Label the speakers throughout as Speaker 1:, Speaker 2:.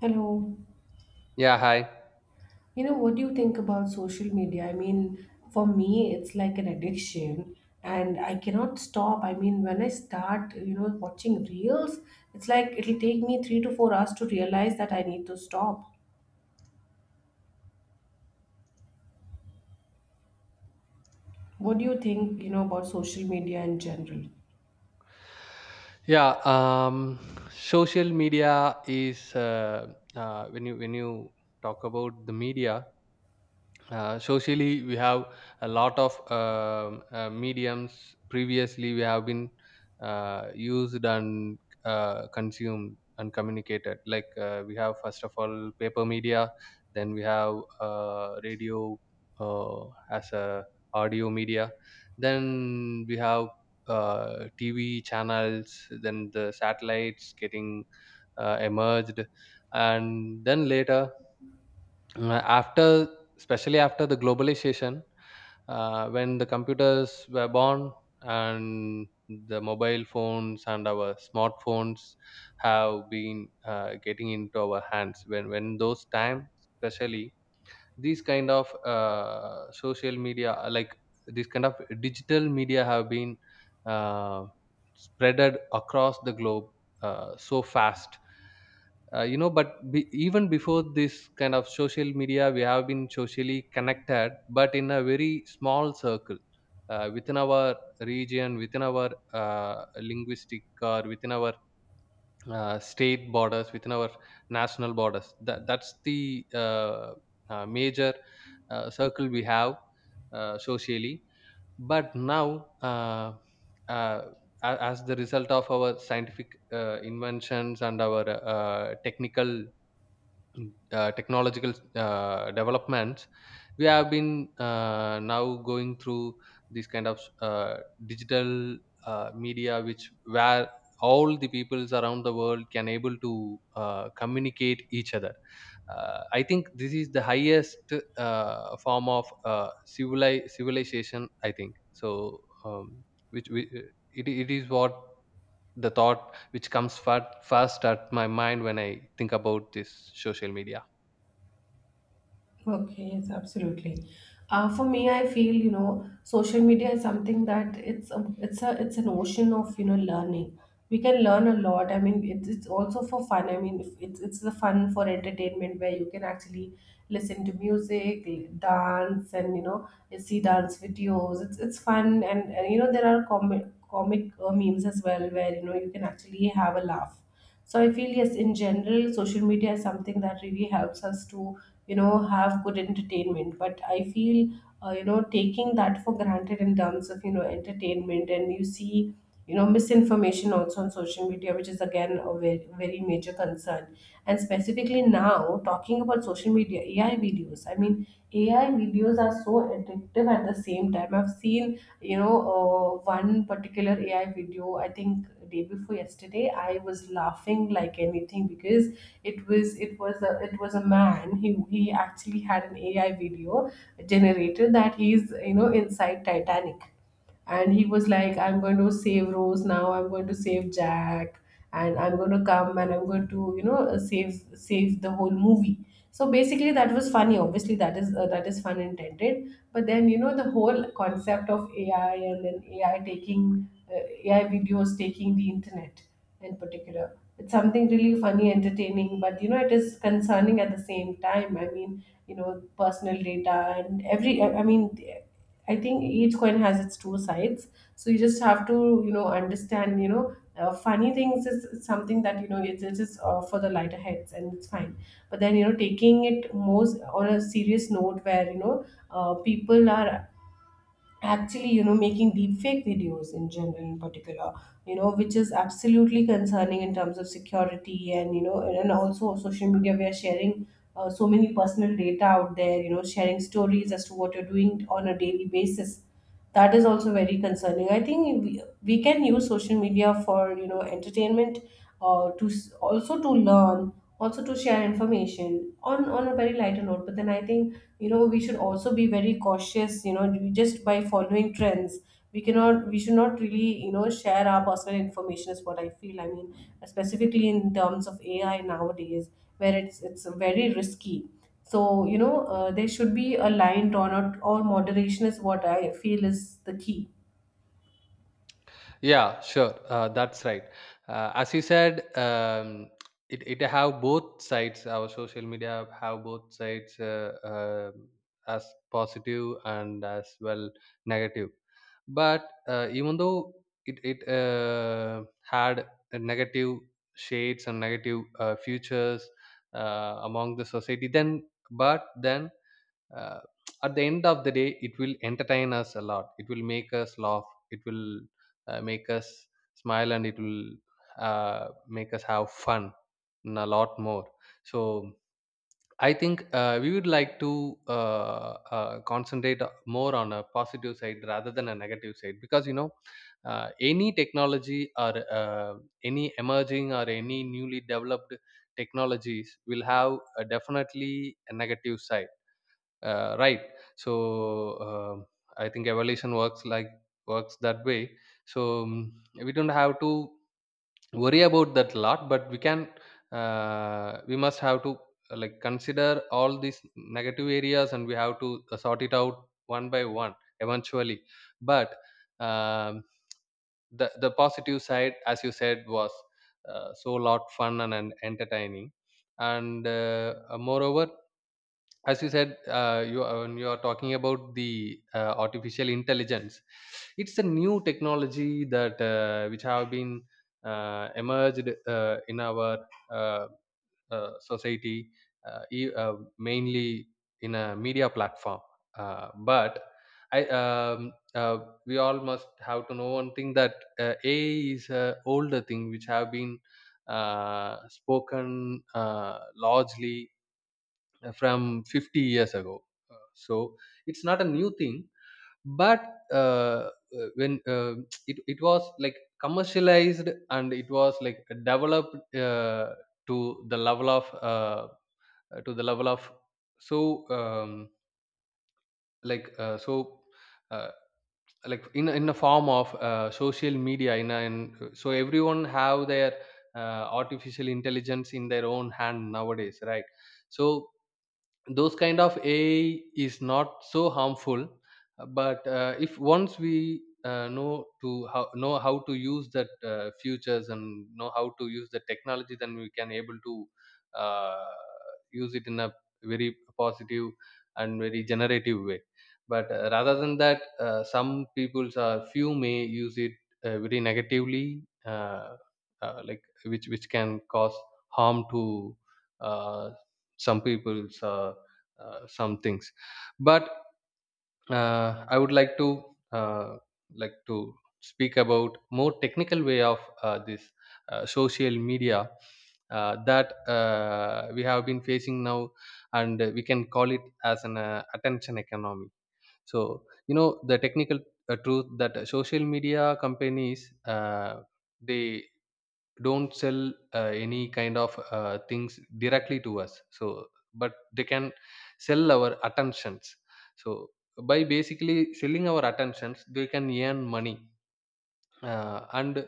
Speaker 1: Hello.
Speaker 2: Yeah, hi.
Speaker 1: What do you think about social media? For me, it's like an addiction and I cannot stop. I mean, when I start, watching reels, it's like it'll take me 3 to 4 hours to realize that I need to stop. What do you think, about social media in general?
Speaker 2: Yeah, um, Social media is when you talk about the media, socially we have a lot of mediums. Previously we have been used and consumed and communicated, like we have, first of all, paper media, then we have radio uh, as a audio media, then we have tv channels, then the satellites getting emerged, and then later after, especially after the globalization, when the computers were born and the mobile phones and our smartphones have been getting into our hands. When those times, especially these kind of social media, like this kind of digital media have been uh, spreaded across the globe so fast. You know, but even before this kind of social media we have been socially connected, but in a very small circle, within our region, within our linguistic, or within our state borders, within our national borders. That's the major circle we have socially. But now, uh, as the result of our scientific inventions and our technical technological developments, we have been now going through this kind of digital media, which, where all the peoples around the world can able to communicate each other. I think this is the highest form of civilization, I think so. um, which we, it is what the thought which comes first at my mind when I think about this social media.
Speaker 1: Okay, yes, absolutely. For me, I feel social media is something that it's a, it's a it's an ocean of learning. We can learn a lot. I mean, it's also for fun. I mean, if it's it's the fun for entertainment where you can actually listen to music, dance, and you see dance videos. It's fun, and there are comic memes as well where you can actually have a laugh. So I feel yes, in general, social media is something that really helps us to have good entertainment, but I feel taking that for granted in terms of entertainment. And you see misinformation also on social media, which is again a very, very major concern. And specifically now talking about social media AI videos, I mean, AI videos are so addictive. At the same time, I've seen one particular AI video, I think day before yesterday, I was laughing like anything because it was a man. He actually had an AI video generator that he's inside Titanic, and he was like, I'm going to save Rose, now I'm going to save Jack, and I'm going to come and I'm going to save the whole movie. So basically that was funny, obviously that is fun intended. But then the whole concept of AI, and then AI taking AI videos taking the internet in particular, it's something really funny, entertaining, but it is concerning at the same time. I mean, personal data and every I mean, I think each coin has its two sides. So you just have to, understand, funny things is something that, it's for the lighter heads and it's fine. But then, taking it most on a serious note where, people are actually, making deep fake videos in general, in particular, which is absolutely concerning in terms of security. And, and also social media, we are sharing so many personal data out there, sharing stories as to what you're doing on a daily basis. That is also very concerning. I think we can use social media for entertainment, to also to learn, also to share information on a very lighter note. But then I think we should also be very cautious. We just by following trends, we cannot, we should not really share our personal information is what I feel. I mean, specifically in terms of AI nowadays, where it's very risky. So, there should be a line drawn out, or moderation is what I feel is the key.
Speaker 2: Yeah, sure. That's right. As you said, it have both sides. Our social media have both sides, as positive and as well negative. But even though it had a negative shades and negative futures among the society, then, but then, uh, at the end of the day it will entertain us a lot, it will make us laugh, it will make us smile, and it will make us have fun and a lot more. So I think we would like to concentrate more on a positive side rather than a negative side, because you know any technology or uh, any emerging or any newly developed technologies will have a definitely a negative side, right? So, um I think evolution works like works that way. So, we don't have to worry about that a lot, but we can we must have to like consider all these negative areas, and we have to sort it out one by one eventually. But um, the positive side, as you said, was so lot fun and entertaining. And moreover, as you said, you when you are talking about the artificial intelligence, it's a new technology that which have been emerged in our uh, society, mainly in a media platform. But I uh, we all must have to know one thing, that ai is a older thing which have been spoken uh, largely from 50 years ago. So it's not a new thing. But uh, when it was like commercialized, and it was like developed uh, to the level of uh, to the level of, so um, like so uh, like in in a form of social media, in, so everyone have their artificial intelligence in their own hand nowadays, right? So those kind of ai is not so harmful, but if once we know to how, know how to use that futures and know how to use the technology, then we can able to uh, use it in a very positive and very generative way. But rather than that, some people's are few may use it very negatively, like which can cause harm to uh, some people's, some things. But I would uh, like to speak about more technical way of this social media that we have been facing now, and we can call it as an attention economy. So you know the technical truth, that social media companies, they don't sell any kind of things directly to us. So but they can sell our attentions. So by basically selling our attentions they can earn money. And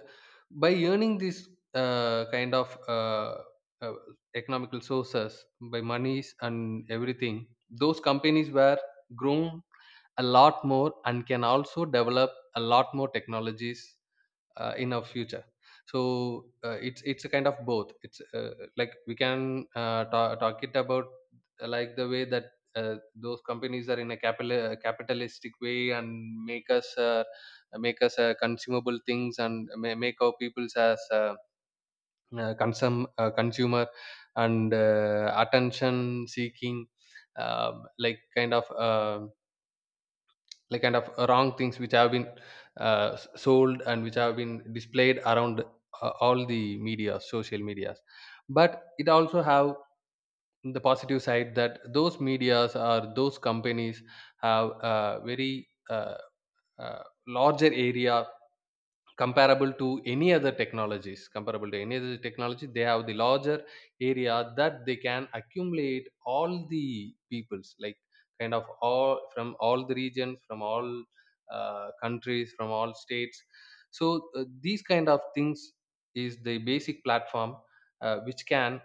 Speaker 2: by earning this kind of uh, economical sources by monies and everything, those companies were grown a lot more and can also develop a lot more technologies in our future. So it's a kind of both. It's Like we can talk it about like the way that those companies are in a capital capitalistic way and make us uh, make us consumable things, and make our peoples as consumer and attention seeking um, like kind of um like kind of wrong things, which have been sold and which have been displayed around all the media social medias. But it also have the positive side, that those medias or those companies have a very larger area comparable to any other technologies, comparable to any other technology. They have the larger area that they can accumulate all the peoples, like kind of all, from all the regions, from all countries, from all states. So these kind of things is the basic platform which can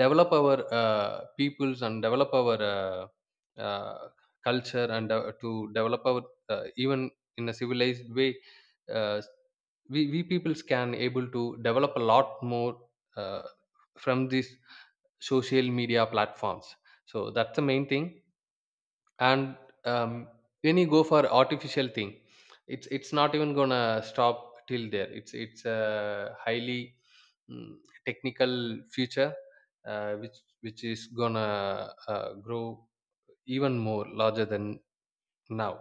Speaker 2: develop our peoples and develop our uh, culture, and to develop our even in a civilized way. uh, we peoples can able to develop a lot more uh, from these social media platforms. So that's the main thing. And um, when you go for artificial thing, it's not even gonna stop till there. It's highly mm, technical future which is gonna grow even more larger than now.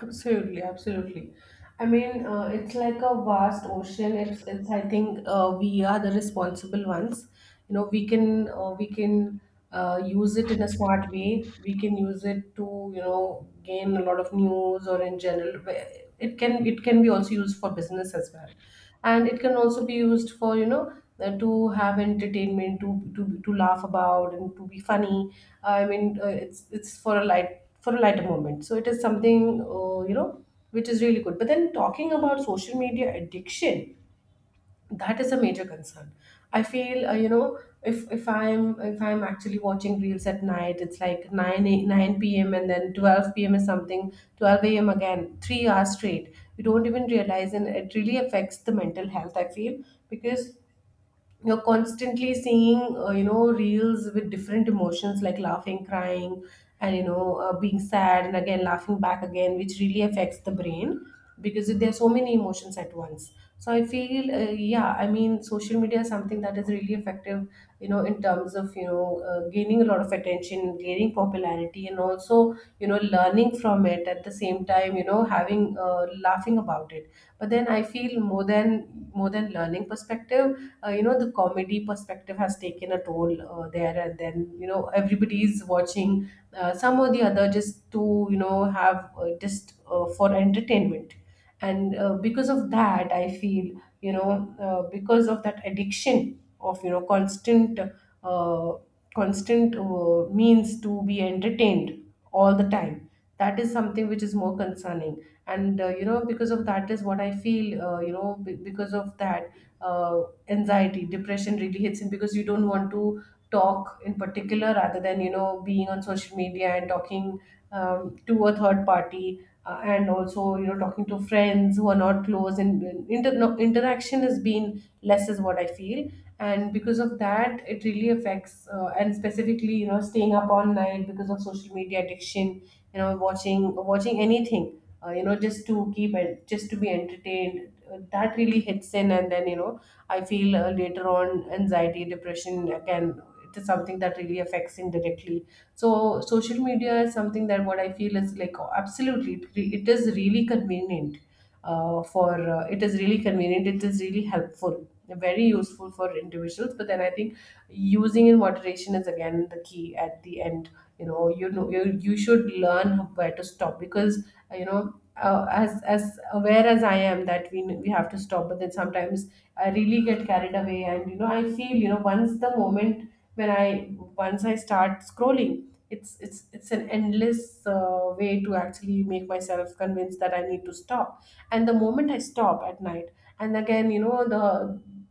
Speaker 1: Absolutely, absolutely. I mean, it's like a vast ocean. It's, it's. I think we are the responsible ones. You know, we can use it in a smart way. We can use it to, gain a lot of news or in general. Where it can be also used for business as well, and it can also be used for, to have entertainment, to laugh about and to be funny. I mean, it's for a light, for a lighter moment. So it is something uh, you know which is really good. But then talking about social media addiction, that is a major concern I feel. If I'm actually watching reels at night, it's like 9 a, 9 p.m, and then 12 p.m is something, 12 a.m, again 3 hours straight, we don't even realize, and it really affects the mental health I feel. Because you're constantly seeing reels with different emotions, like laughing, crying, and being sad and again laughing back again, which really affects the brain, because there are so many emotions at once. So I feel yeah, I mean social media is something that is really effective, in terms of gaining a lot of attention, gaining popularity, and also learning from it. At the same time, having laughing about it. But then I feel more than learning perspective, the comedy perspective has taken a toll there. And then everybody is watching some or the other just to have just for entertainment. And because of that I feel you know because of that addiction of uh, constant means to be entertained all the time, that is something which is more concerning. And because of that is what I feel. Because of that, uh, anxiety, depression really hits in, because you don't want to talk in particular, rather than being on social media and talking, to a third party. And also talking to friends who are not close, and inter- no, interaction has been less is what I feel. And because of that it really affects, and specifically staying up all night because of social media addiction, watching anything, just to keep, just to be entertained, that really hits in. And then I feel later on anxiety, depression can, it is something that really affects indirectly. So social media is something that, what I feel is like, oh, absolutely, it is really convenient, for it is really convenient, it is really helpful, very useful for individuals. But then I think using in moderation is again the key at the end. You should learn where to stop. Because as aware as I am that we have to stop, but then sometimes I really get carried away. And I feel once the moment, when I, once I start scrolling, it's an endless way to actually make myself convinced that I need to stop. And the moment I stop at night, and again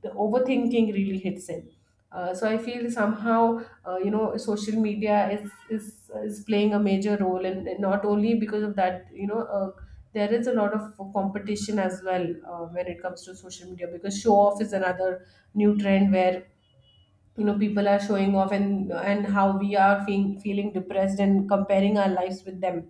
Speaker 1: the overthinking really hits in. So I feel somehow social media is is is playing a major role. And not only because of that, there is a lot of competition as well, when it comes to social media, because show off is another new trend, where people are showing off, and how we are feeling depressed and comparing our lives with them.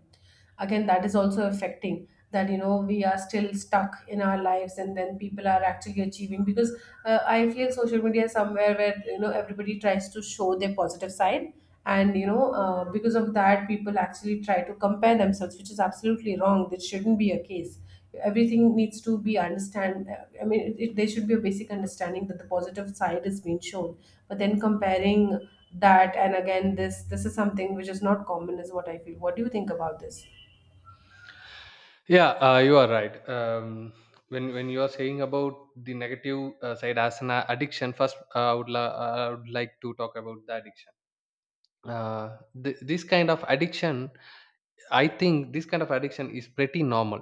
Speaker 1: Again, that is also affecting, that we are still stuck in our lives and then people are actually achieving. Because I feel social media is somewhere where everybody tries to show their positive side. And because of that, people actually try to compare themselves, which is absolutely wrong. This shouldn't be a case. Everything needs to be understand. I mean, there should be a basic understanding that the positive side is being shown. But then comparing that, and again this is something which is not common is what I feel. What do you think about this,
Speaker 2: Yeah, you are right. When you are saying about the negative side as an addiction, first I, I would like to talk about the addiction. uh, this kind of addiction, I think this kind of addiction is pretty normal.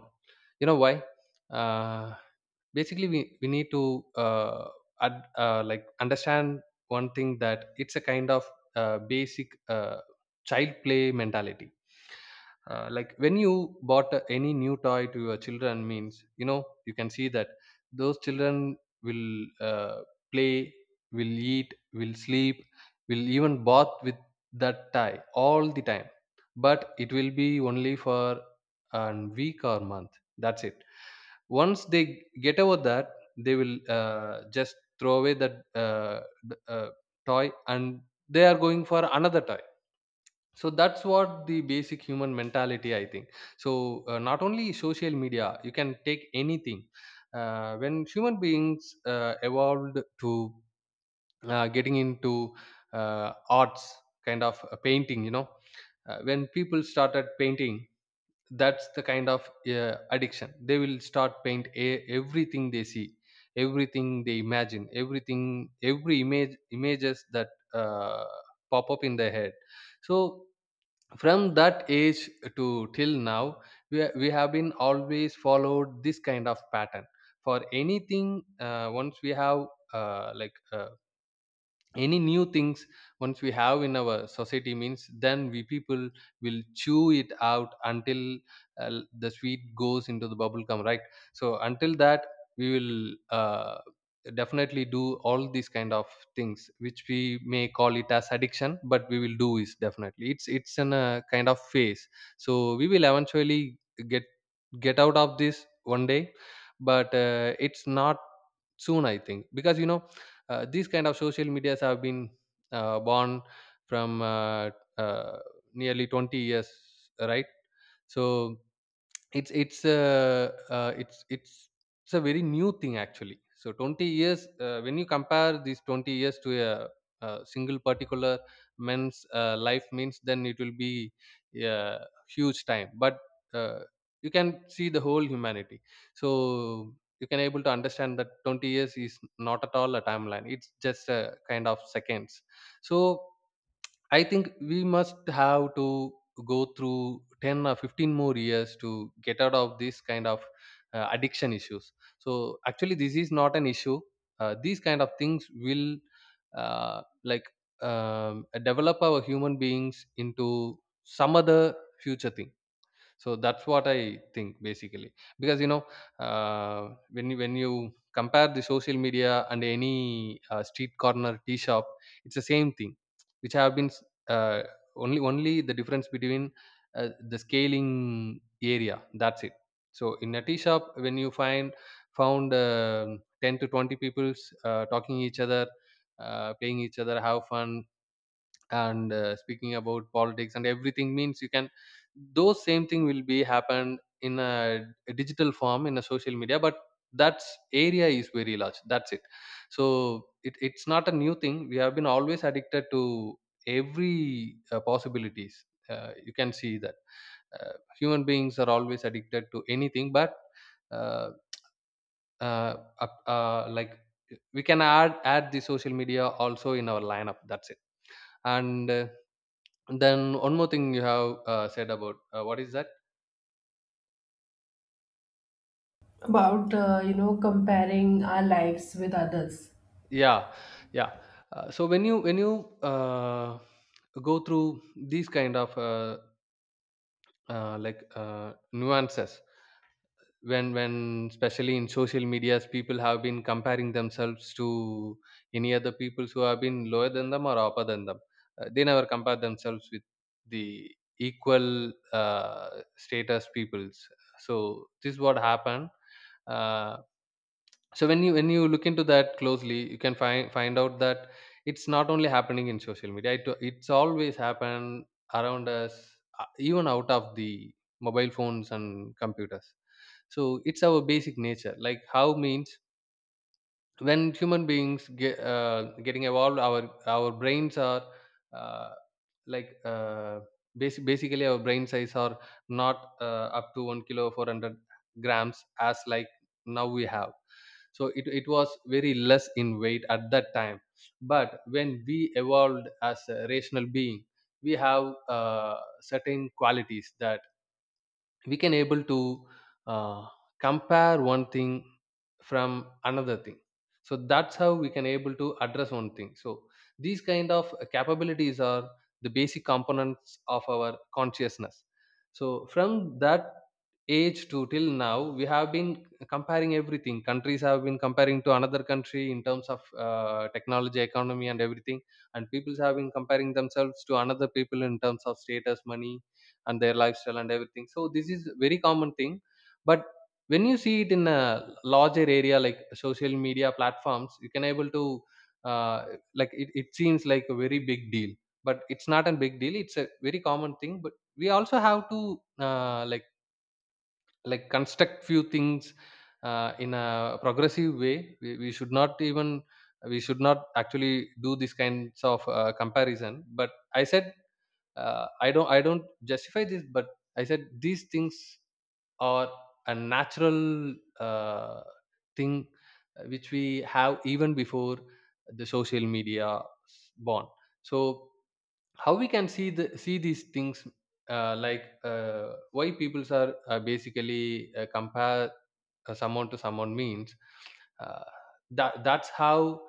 Speaker 2: You know why? Uh, Basically, we need to like understand one thing, that it's a kind of basic child play mentality. Like when you bought any new toy to your children, means you know, you can see that those children will uh, play, will eat, will sleep, will even bath with that tie all the time. But it will be only for a week or month, that's it. Once they get over that, they will just throw away that uh, d- uh, toy, and they are going for another toy. So that's what the basic human mentality, I think. So not only social media, you can take anything. When human beings evolved to getting into arts, kind of painting, you know, when people started painting, that's the kind of addiction. They will start paint everything they see, everything they imagine, everything, every image, images that uh, pop up in their head. So from that age to till now, we have been always followed this kind of pattern for anything. Once we have uh, like uh, any new things, once we have in our society, means then we people will chew it out until the sweet goes into the bubble gum, right? So until that we will definitely do all these kind of things, which we may call it as addiction, but we will do, is definitely it's in a kind of phase. So we will eventually get get out of this one day. But it's not soon, I think, because you know these kind of social medias have been born from uh, nearly 20 years, right? So it's it's a very new thing actually. So 20 years, when you compare these 20 years to a single particular man's life, means then it will be a huge time. But uh, you can see the whole humanity. So you can able to understand that 20 years is not at all a timeline, it's just a kind of seconds. So I think we must have to go through 10 or 15 more years to get out of this kind of addiction issues. So actually, this is not an issue. These kind of things will uh, like develop our human beings into some other future thing, so that's what I think basically. Because when when you compare the social media and any street corner tea shop, it's the same thing which have been uh, only the difference between the scaling area, that's it. So in a tea shop, when you find found 10 to 20 peoples talking each other, playing each other, have fun, and speaking about politics and everything, means you can, those same thing will be happen in a digital form in a social media, but that's area is very large, that's it. So it's not a new thing. We have been always addicted to every possibilities. Uh, you can see that human beings are always addicted to anything, but uh, uh, up- uh, like we can add the social media also in our lineup, that's it. And then one more thing you have said about what is that.
Speaker 1: about comparing our lives with others?
Speaker 2: Yeah, yeah. So when you go through these kind of nuances, when especially in social medias, people have been comparing themselves to any other peoples who have been lower than them or upper than them. Uh, they never compare themselves with the equal status peoples. So this is what happened. Uh, so when you look into that closely, you can find out that it's not only happening in social media, it's always happened around us, even out of the mobile phones and computers. So it's our basic nature. Like, how means, when human beings get getting evolved, our brains are uh, like uh, basically, our brain size are not up to 1 kilo 400 grams as like now we have. So it was very less in weight at that time. But when we evolved as a rational being, we have certain qualities that we can able to uh, compare one thing from another thing. So that's how we can able to address one thing. So these kind of capabilities are the basic components of our consciousness. So from that age to till now, we have been comparing everything. Countries have been comparing to another country in terms of technology, economy and everything, and people have been comparing themselves to another people in terms of status, money and their lifestyle and everything. So this is very common thing. But when you see it in a larger area like social media platforms, you can able to uh, it seems like a very big deal, but it's not a big deal. It's a very common thing. But we also have to construct few things in a progressive way. We we, should not even, we should not actually do these kinds of comparison, but I said, I don't, I don't justify this. But I said these things or a natural thing which we have even before the social media born. So how we can see the, see these things, why peoples are basically compare someone to someone, means uh, that's how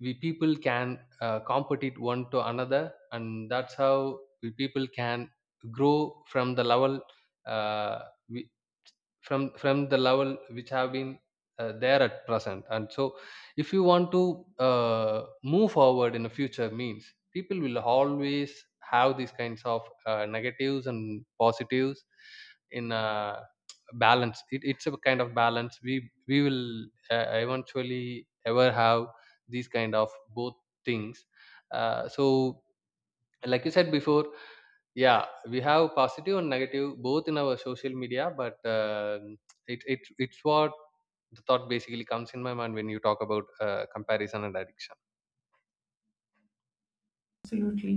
Speaker 2: we people can compete it one to another, and that's how we people can grow from the level uh, we, from the level which have been there at present. And so if you want to move forward in the future means, people will always have these kinds of negatives and positives in a balance. It's a kind of balance we will eventually ever have these kind of both things. So like you said before, yeah, we have positive and negative both in our social media, but it it's what the thought basically comes in my mind when you talk about comparison and addiction.
Speaker 1: Absolutely.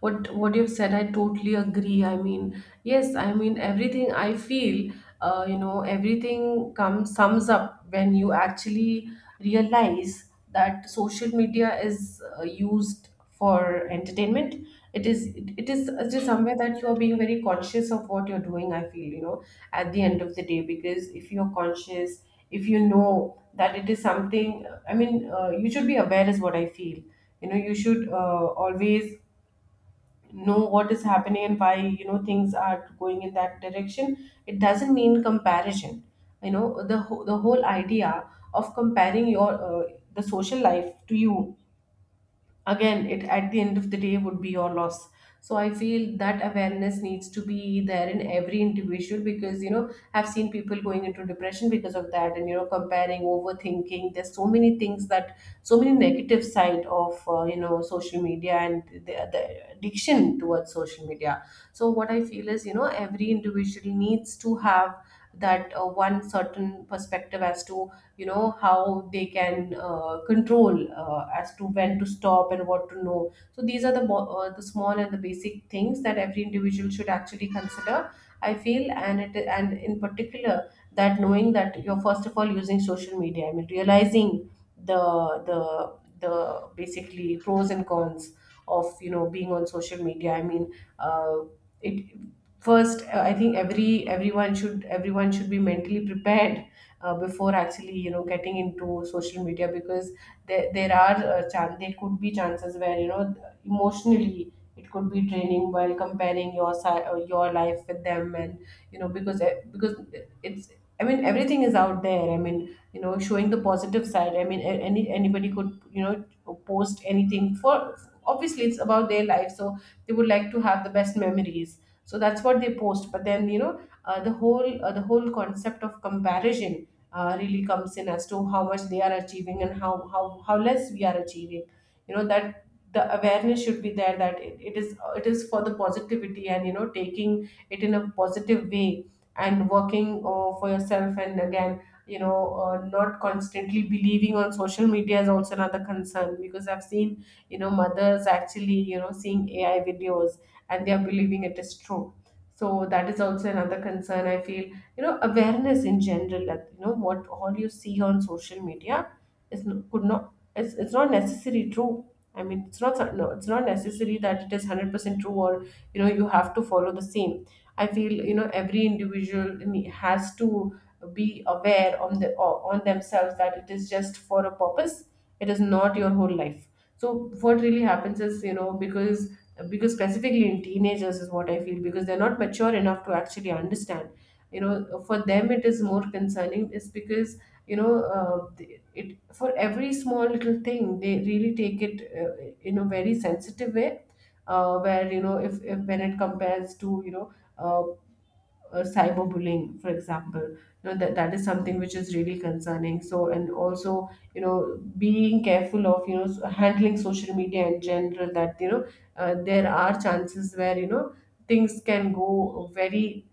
Speaker 1: What you've said, I totally agree. I mean, yes, I mean, everything I feel everything comes, sums up when you actually realize that social media is used for entertainment. It is just somewhere that you are being very conscious of what you're doing, I feel. At the end of the day, because if you're conscious, if you know that it is something, I mean, you should be aware is what I feel. You should always know what is happening and why things are going in that direction. It doesn't mean comparison. The whole idea of comparing your the social life to you, again it, at the end of the day, would be your loss. So I feel that awareness needs to be there in every individual, because I've seen people going into depression because of that, and you know Comparing, overthinking, there's so many things that, so many negative side of social media and the addiction towards social media. So what I feel is, you know, every individual needs to have that one certain perspective as to, you know, how they can control, as to when to stop and what to know. So these are the the small and the basic things that every individual should actually consider, I feel. And in particular, that knowing that you're first of all using social media, I mean realizing the the the basically pros and cons of, you know, being on social media, I mean, uh, it first I think everyone should be mentally prepared before actually, you know, getting into social media, because there are there could be chances where, you know, emotionally it could be draining while comparing your your life with them. And you know, because it's, I mean, everything is out there. I mean, you know, showing the positive side, I mean, anybody could, you know, post anything for, obviously it's about their life, so they would like to have the best memories, so that's what they post. But then, you know, the whole concept of comparison really comes in as to how much they are achieving and how less we are achieving. You know that the awareness should be there, that it is, it is for the positivity and, you know, taking it in a positive way and working for yourself. And again, you know, not constantly believing on social media is also another concern, because I've seen, you know, mothers actually, you know, seeing AI videos and they are believing it is true. So that is also another concern, I feel. You know, awareness in general, that, you know, what all you see on social media is could not, it's not necessarily true. I mean, it's not so- no, it's not necessary that it is 100% true, or, you know, you have to follow the same. I feel, you know, every individual has to be aware on the on themselves that it is just for a purpose, it is not your whole life. So what really happens is, you know, because specifically in teenagers is what I feel, because they're not mature enough to actually understand. You know, for them it is more concerning, is because, you know, it, for every small little thing, they really take it in a very sensitive way, where, you know, if when it compares to, you know, uh, cyberbullying, for example. You know that is something which is really concerning. So, and also, you know, being careful of, you know, handling social media in general, that, you know, there are chances where, you know, things can go very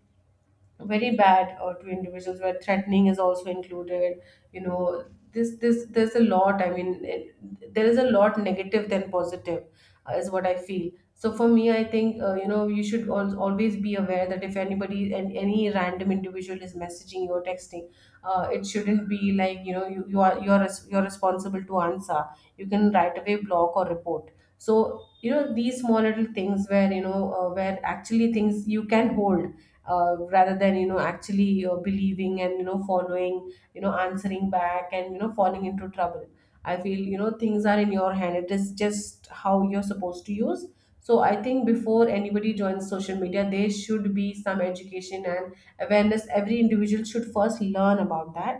Speaker 1: very bad to individuals, where threatening is also included, you know. This there's a lot, I mean there is a lot negative than positive, is what I feel. So for me, I think, you know, you should always be aware that if anybody and any random individual is messaging you or texting, it shouldn't be like, you know, you're you're responsible to answer. You can right away block or report. So, you know, these small little things where, you know, where actually things you can hold, rather than, you know, actually believing and, you know, following, you know, answering back and, you know, falling into trouble. I feel, you know, things are in your hand, it is just how you're supposed to use. So I think before anybody joins social media, there should be some education and awareness, every individual should first learn about that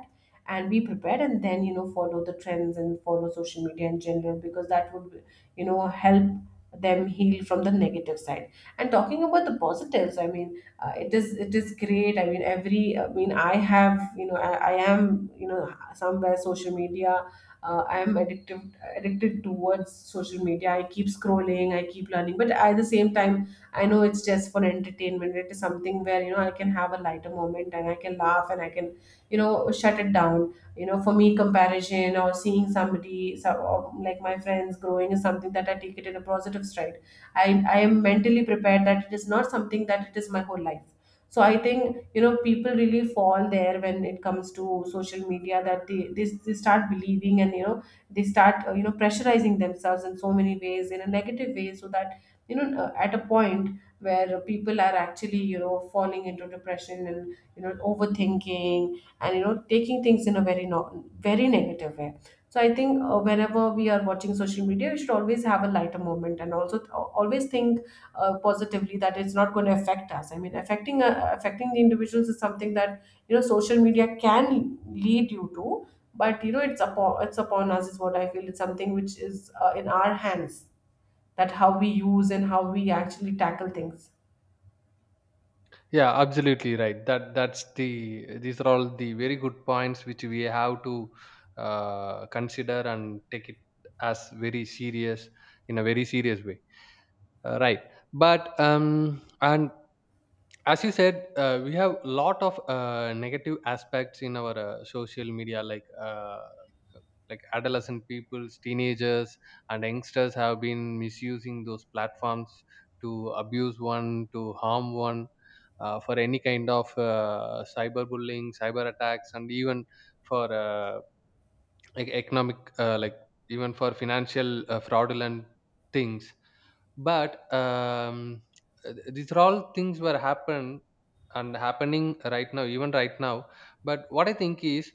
Speaker 1: and be prepared, and then, you know, follow the trends and follow social media in general, because that would, you know, help them heal from the negative side. And talking about the positives, I mean, it is great. I mean, I have, you know, I am, you know, somewhere social media, I am addicted towards social media. I keep scrolling, I keep learning, but at the same time, I know it's just for entertainment. It is something where, you know, I can have a lighter moment and I can laugh, and I can, you know, shut it down. You know, for me, comparison or seeing or like my friends growing is something that I take it in a positive stride. i I am mentally prepared that it is not something that it is my whole life. So I think, you know, people really fall there when it comes to social media, that they start believing and, you know, they start, you know, pressurizing themselves in so many ways in a negative way, so that, you know, at a point where people are actually, you know, falling into depression and, you know, overthinking, and, you know, taking things in a very very negative way. So I think, whenever we are watching social media, we should always have a lighter moment and also always think positively that it's not going to affect us. I mean, affecting the individuals is something that, you know, social media can lead you to, but you know, it's upon us is what I feel. It's something which is, in our hands, that how we use and how we actually tackle things.
Speaker 2: Yeah, absolutely right. That's the, these are all the very good points which we have to consider and take it as very serious, in a very serious way. Right, but and as you said, we have a lot of negative aspects in our social media, like adolescent peoples, teenagers and youngsters have been misusing those platforms to abuse one, to harm one, for any kind of cyberbullying, cyber attacks, and even for economic, even for financial fraudulent things. But these are all things were happen and happening right now, even right now. But what I think is,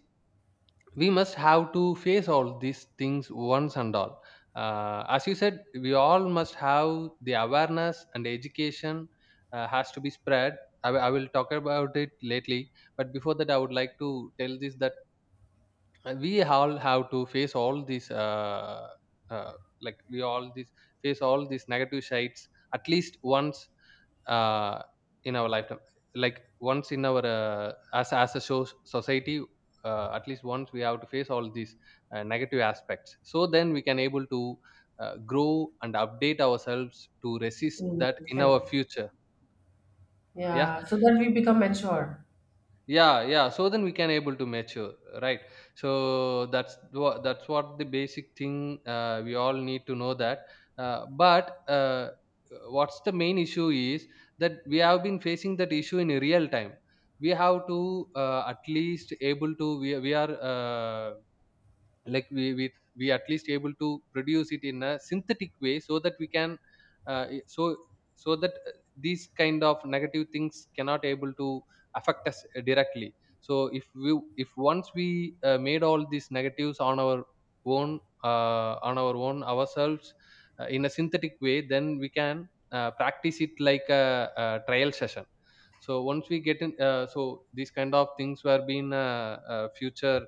Speaker 2: we must have to face all these things once and all. Uh, as you said, we all must have the awareness and education has to be spread. I will talk about it lately, but before that, I would like to tell this that we all have to face all these uh, like we all these face all these negative sides at least once uh, in our lifetime. Like once in our as a society, at least once we have to face all these negative aspects, so then we can able to grow and update ourselves to resist
Speaker 1: Mm,
Speaker 2: that in our
Speaker 1: correct.
Speaker 2: future. Yeah.
Speaker 1: Yeah, so that we become mature.
Speaker 2: Yeah, yeah, so then we can able to mature, right? So that's what, that's what the basic thing we all need to know. That but what's the main issue is that we have been facing that issue in real time. We have to at least able to, we are like we we we at least able to produce it in a synthetic way so that we can so so that these kind of negative things cannot able to affect us directly. So if we, if once we made all these negatives on our own, on our own ourselves, in a synthetic way, then we can practice it like a trial session. So once we get in so these kind of things were being a future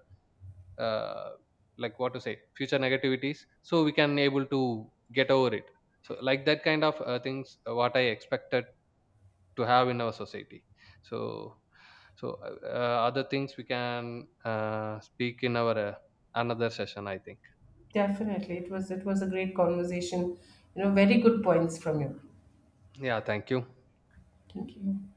Speaker 2: uh, what to say, future negativities, so we can able to get over it. So like that kind of things what I expected to have in our society. So so other things we can speak in our another session, I think.
Speaker 1: Definitely, it was a great conversation. You know, very good points from you.
Speaker 2: Yeah, thank you.
Speaker 1: Thank you.